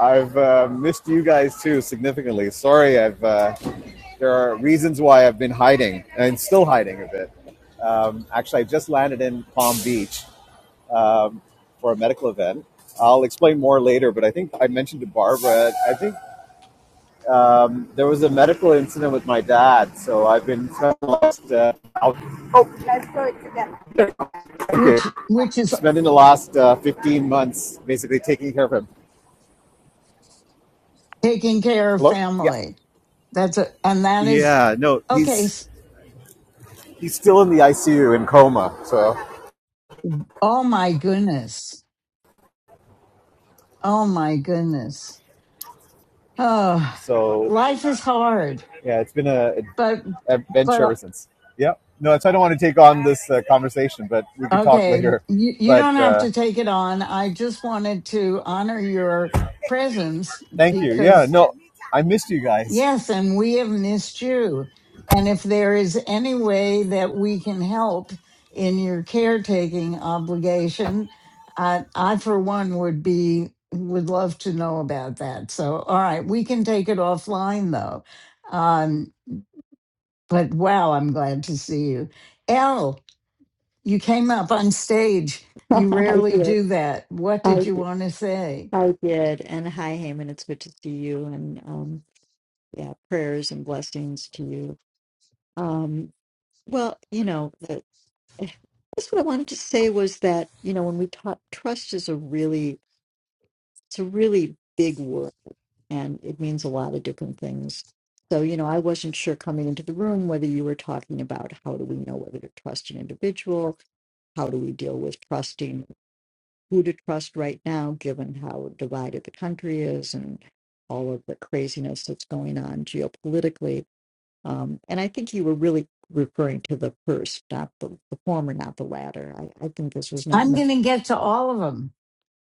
G: I've uh, missed you guys too significantly. Sorry, I've uh, there are reasons why I've been hiding and still hiding a bit. Um, actually, I just landed in Palm Beach um, for a medical event. I'll explain more later, but I think I mentioned to Barbara. I think um, there was a medical incident with my dad, so I've been spending the last, uh, I'll- thank you.
A: which which is
G: spending the last uh, 15 months basically taking care of him.
A: taking care of
G: Hello? Yeah.
A: family. That's a, and that is
G: Yeah. No,
A: okay.
G: he's
A: s-
G: He's still in the ICU in coma. So,
A: Oh my goodness. Oh my goodness. Oh,
G: so
A: life is hard,
G: yeah, it's been a an
A: but
G: adventure ever
A: but
G: since. Yeah. No, so I don't want to take on this uh, conversation, but we could talk
A: okay.
G: later.
A: You you
G: But
A: don't have
G: uh,
A: to take it on. I just wanted to honor your presence
G: thank you. Yeah.
A: because
G: No, I missed you guys.
A: Yes, and we have missed you. And if there is any way that we can help in your caretaking obligation, I, I for one would be would love to know about that. So, all right, we can take it offline though. Um, but wow, I'm glad to see you, Elle. You came up on stage. You
H: I
A: rarely
H: did.
A: do that. What did
H: I
A: you
H: did.
A: want to say?
H: I did. And hi, Haman. It's good to see you. And um, yeah, prayers and blessings to you. Um, well, you know, the, that's what I wanted to say was that you know when we talk, trust is a really it's a really big word, and it means a lot of different things. So you know, I wasn't sure coming into the room whether you were talking about how do we know whether to trust an individual, how do we deal with trusting who to trust right now, given how divided the country is and all of the craziness that's going on geopolitically. Um, and I think you were really referring to the first, not the, the former, not the latter. I, I think this was not
A: I'm
H: meant.
A: going to get to all of them.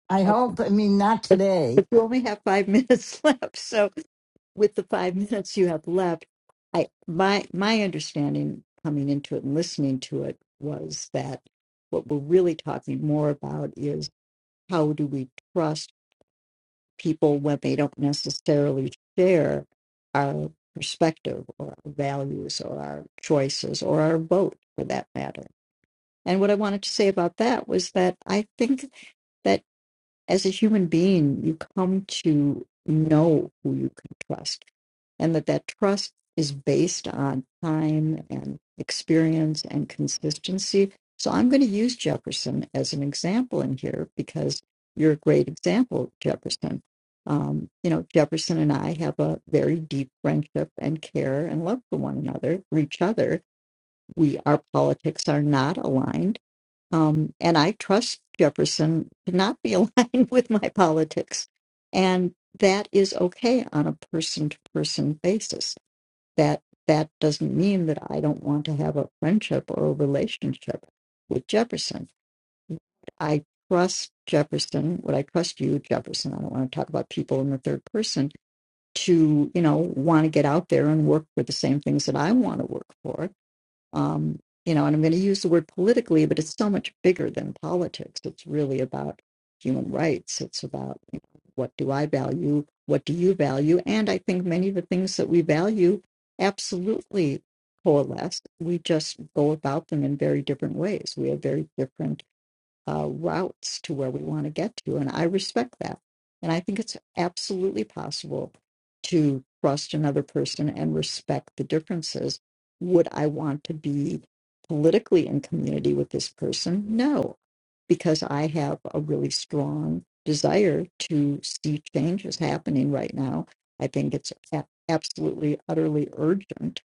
A: I
H: Oh,
A: hope. I mean, not
H: but,
A: today
H: but you only have five minutes left. So with the five minutes you have left, I my my understanding coming into it and listening to it was that what we're really talking more about is how do we trust people when they don't necessarily share our perspective or our values or our choices or our vote for that matter. And what I wanted to say about that was that I think that as a human being, you come to know who you can trust and that that trust is based on time and experience and consistency. So I'm going to use Jefferson as an example in here because you're a great example, Jefferson. Um, you know, Jefferson and I have a very deep friendship and care and love for one another, for each other. We our politics are not aligned, um, and I trust Jefferson to not be aligned with my politics, and that is okay on a person to person basis that that doesn't mean that I don't want to have a friendship or a relationship with Jefferson. I trust Jefferson, would I trust you, Jefferson? I don't want to talk about people in the third person to, you know, want to get out there and work for the same things that I want to work for um, you know, and I'm going to use the word politically, but it's so much bigger than politics. It's really about human rights. It's about you know, what do I value? What do you value? And I think many of the things that we value absolutely coalesce. We just go about them in very different ways. We have very different uh, routes to where we want to get to. And I respect that. And I think it's absolutely possible to trust another person and respect the differences. Would I want to be politically in community with this person? No, because I have a really strong desire to see changes happening right now. I think it's a- absolutely, utterly urgent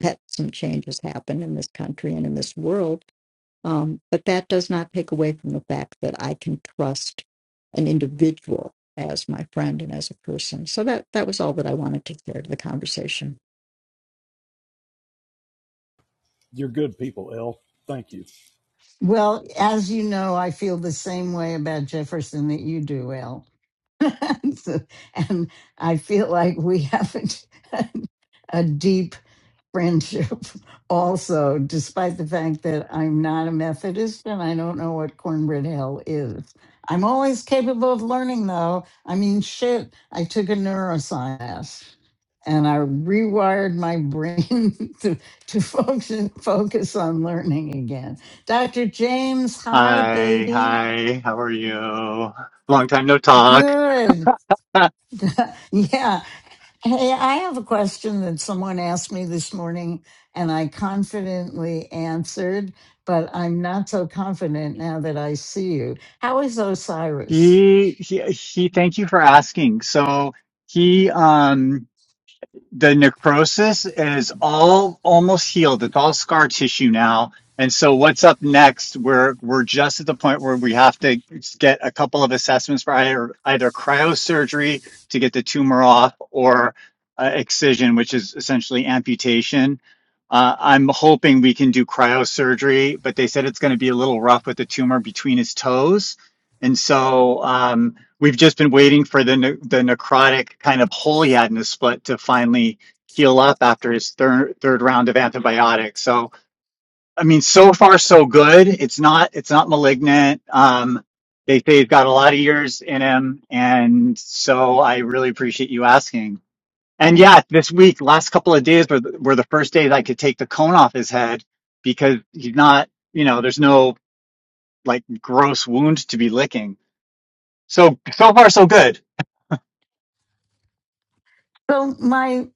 H: that some changes happen in this country and in this world um, but that does not take away from the fact that I can trust an individual as my friend and as a person. So that that was all that I wanted to share to the conversation.
B: You're good people, L. Thank you.
A: Well, as you know, I feel the same way about Jefferson that you do, Al. So- and I feel like we have a, a deep friendship also, despite the fact that I'm not a Methodist and I don't know what cornbread hell is. I'm always capable of learning, though. I mean, shit, I took a neuroscience class and I rewired my brain to, to function, focus on learning again. Dr. James, hi,
I: Hi,
A: baby.
I: hi, how are you? Long time no talk.
A: Good. yeah, Hey, I have a question that someone asked me this morning, and I confidently answered, but I'm not so confident now that I see you. How is Osiris?
I: He, he, he, thank you for asking. So he, um, the necrosis is all almost healed. It's all scar tissue now. And so what's up next? We're we're just at the point where we have to get a couple of assessments for either either cryosurgery to get the tumor off or uh, excision, which is essentially amputation. Uh, I'm hoping we can do cryosurgery, but they said it's going to be a little rough with the tumor between his toes. And so um, we've just been waiting for the ne- the necrotic kind of hole split to finally heal up after his third third round of antibiotics. So I mean, so far so good. It's not it's not malignant. Um, they say he's got a lot of years in him, and so I really appreciate you asking. And yeah, this week, last couple of days were the, were the first days I could take the cone off his head because he's not, you know, there's no like gross wound to be licking. So so far so good.
A: So, my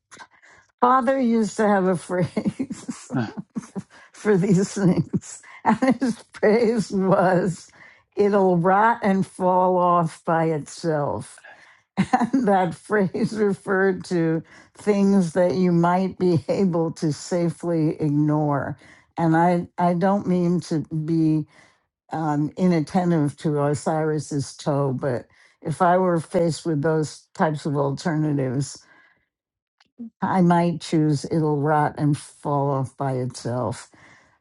A: father used to have a phrase for these things, and his phrase was, It'll rot and fall off by itself. And that phrase referred to things that you might be able to safely ignore. And I, I don't mean to be um, inattentive to Osiris's toe, but if I were faced with those types of alternatives, I might choose it'll rot and fall off by itself.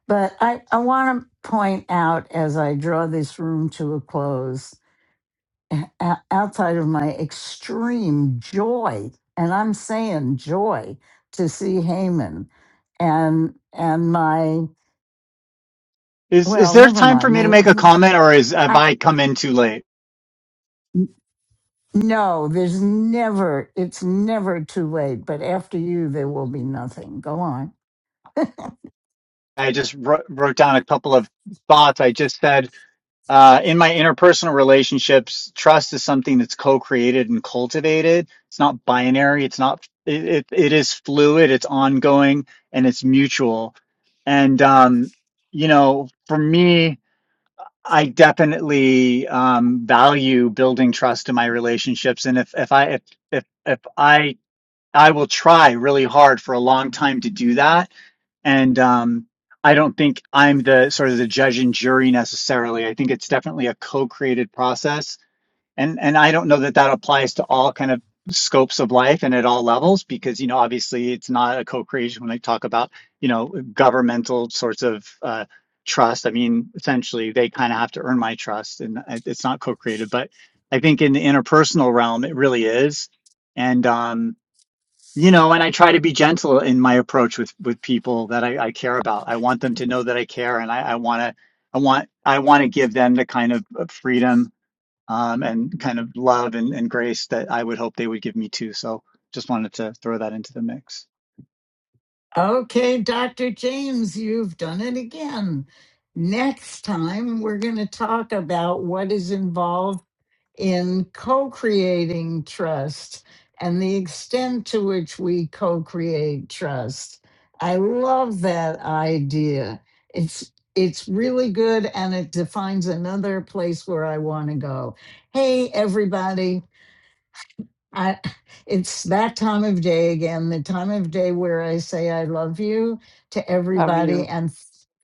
A: But I, I want to point out as I draw this room to a close o- o- outside of my extreme joy, and I'm saying joy to see Haman, and and my
I: Is is
A: well,
I: there
A: never
I: time for
A: mind.
I: me to
A: My,
I: make a comment, or is have
A: I
I: I come in too late?
A: no, there's never. It's never too late. But after you, there will be nothing. Go on.
I: I just wrote, wrote down a couple of thoughts. I just said uh, in my interpersonal relationships, trust is something that's co-created and cultivated. It's not binary. It's not. It it, it is fluid. It's ongoing and it's mutual. And um, you know, for me, I definitely um, value building trust in my relationships. And if if I if if if I I will try really hard for a long time to do that. And um, I don't think I'm the sort of the judge and jury necessarily. I think it's definitely a co-created process, and and I don't know that that applies to all kind of scopes of life and at all levels because you know obviously it's not a co-creation when I talk about you know governmental sorts of uh, trust. I mean essentially they kind of have to earn my trust, and it's not co-created. But I think in the interpersonal realm it really is, and um, you know, and I try to be gentle in my approach with with people that I, I care about. I want them to know that I care, and I, I want to, I want, I want to give them the kind of of freedom um, and kind of love and, and grace that I would hope they would give me too. So, just wanted to throw that into the mix.
A: Okay, Dr. James, you've done it again. Next time, we're going to talk about what is involved in co creating trust and the extent to which we co create trust. I love that idea. It's it's really good and it defines another place where I want to go. Hey, everybody. I, it's that time of day again, the time of day where I say I love you to
C: Love
A: everybody
C: you.
A: and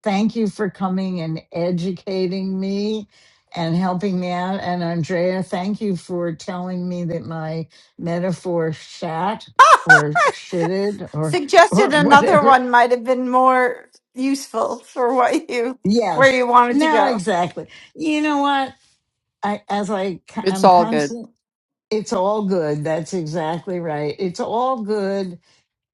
A: thank you for coming and educating me and helping me out. And Andrea, thank you for telling me that my metaphor shat or shitted or or
D: suggested another
A: whatever.
D: one might have been more useful for what you where
A: Yes.
D: you wanted to
A: No,
D: go.
A: exactly. You know what? I as I c-
C: It's
A: I'm
C: good.
A: constant it's all good. That's exactly right. It's all good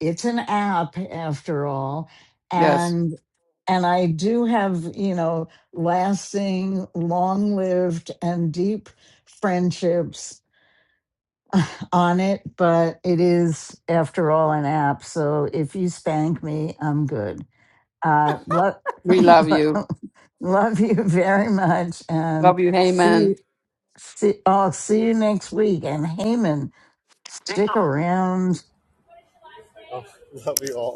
A: it's an app after all and and i do have you know lasting long lived and deep friendships on it but it is after all an app so if you spank me i'm good uh love
C: We love you.
A: love you very much and
C: Love you, Heyman.
A: see see i'll see you next week and Heyman, stick around
G: Love you all.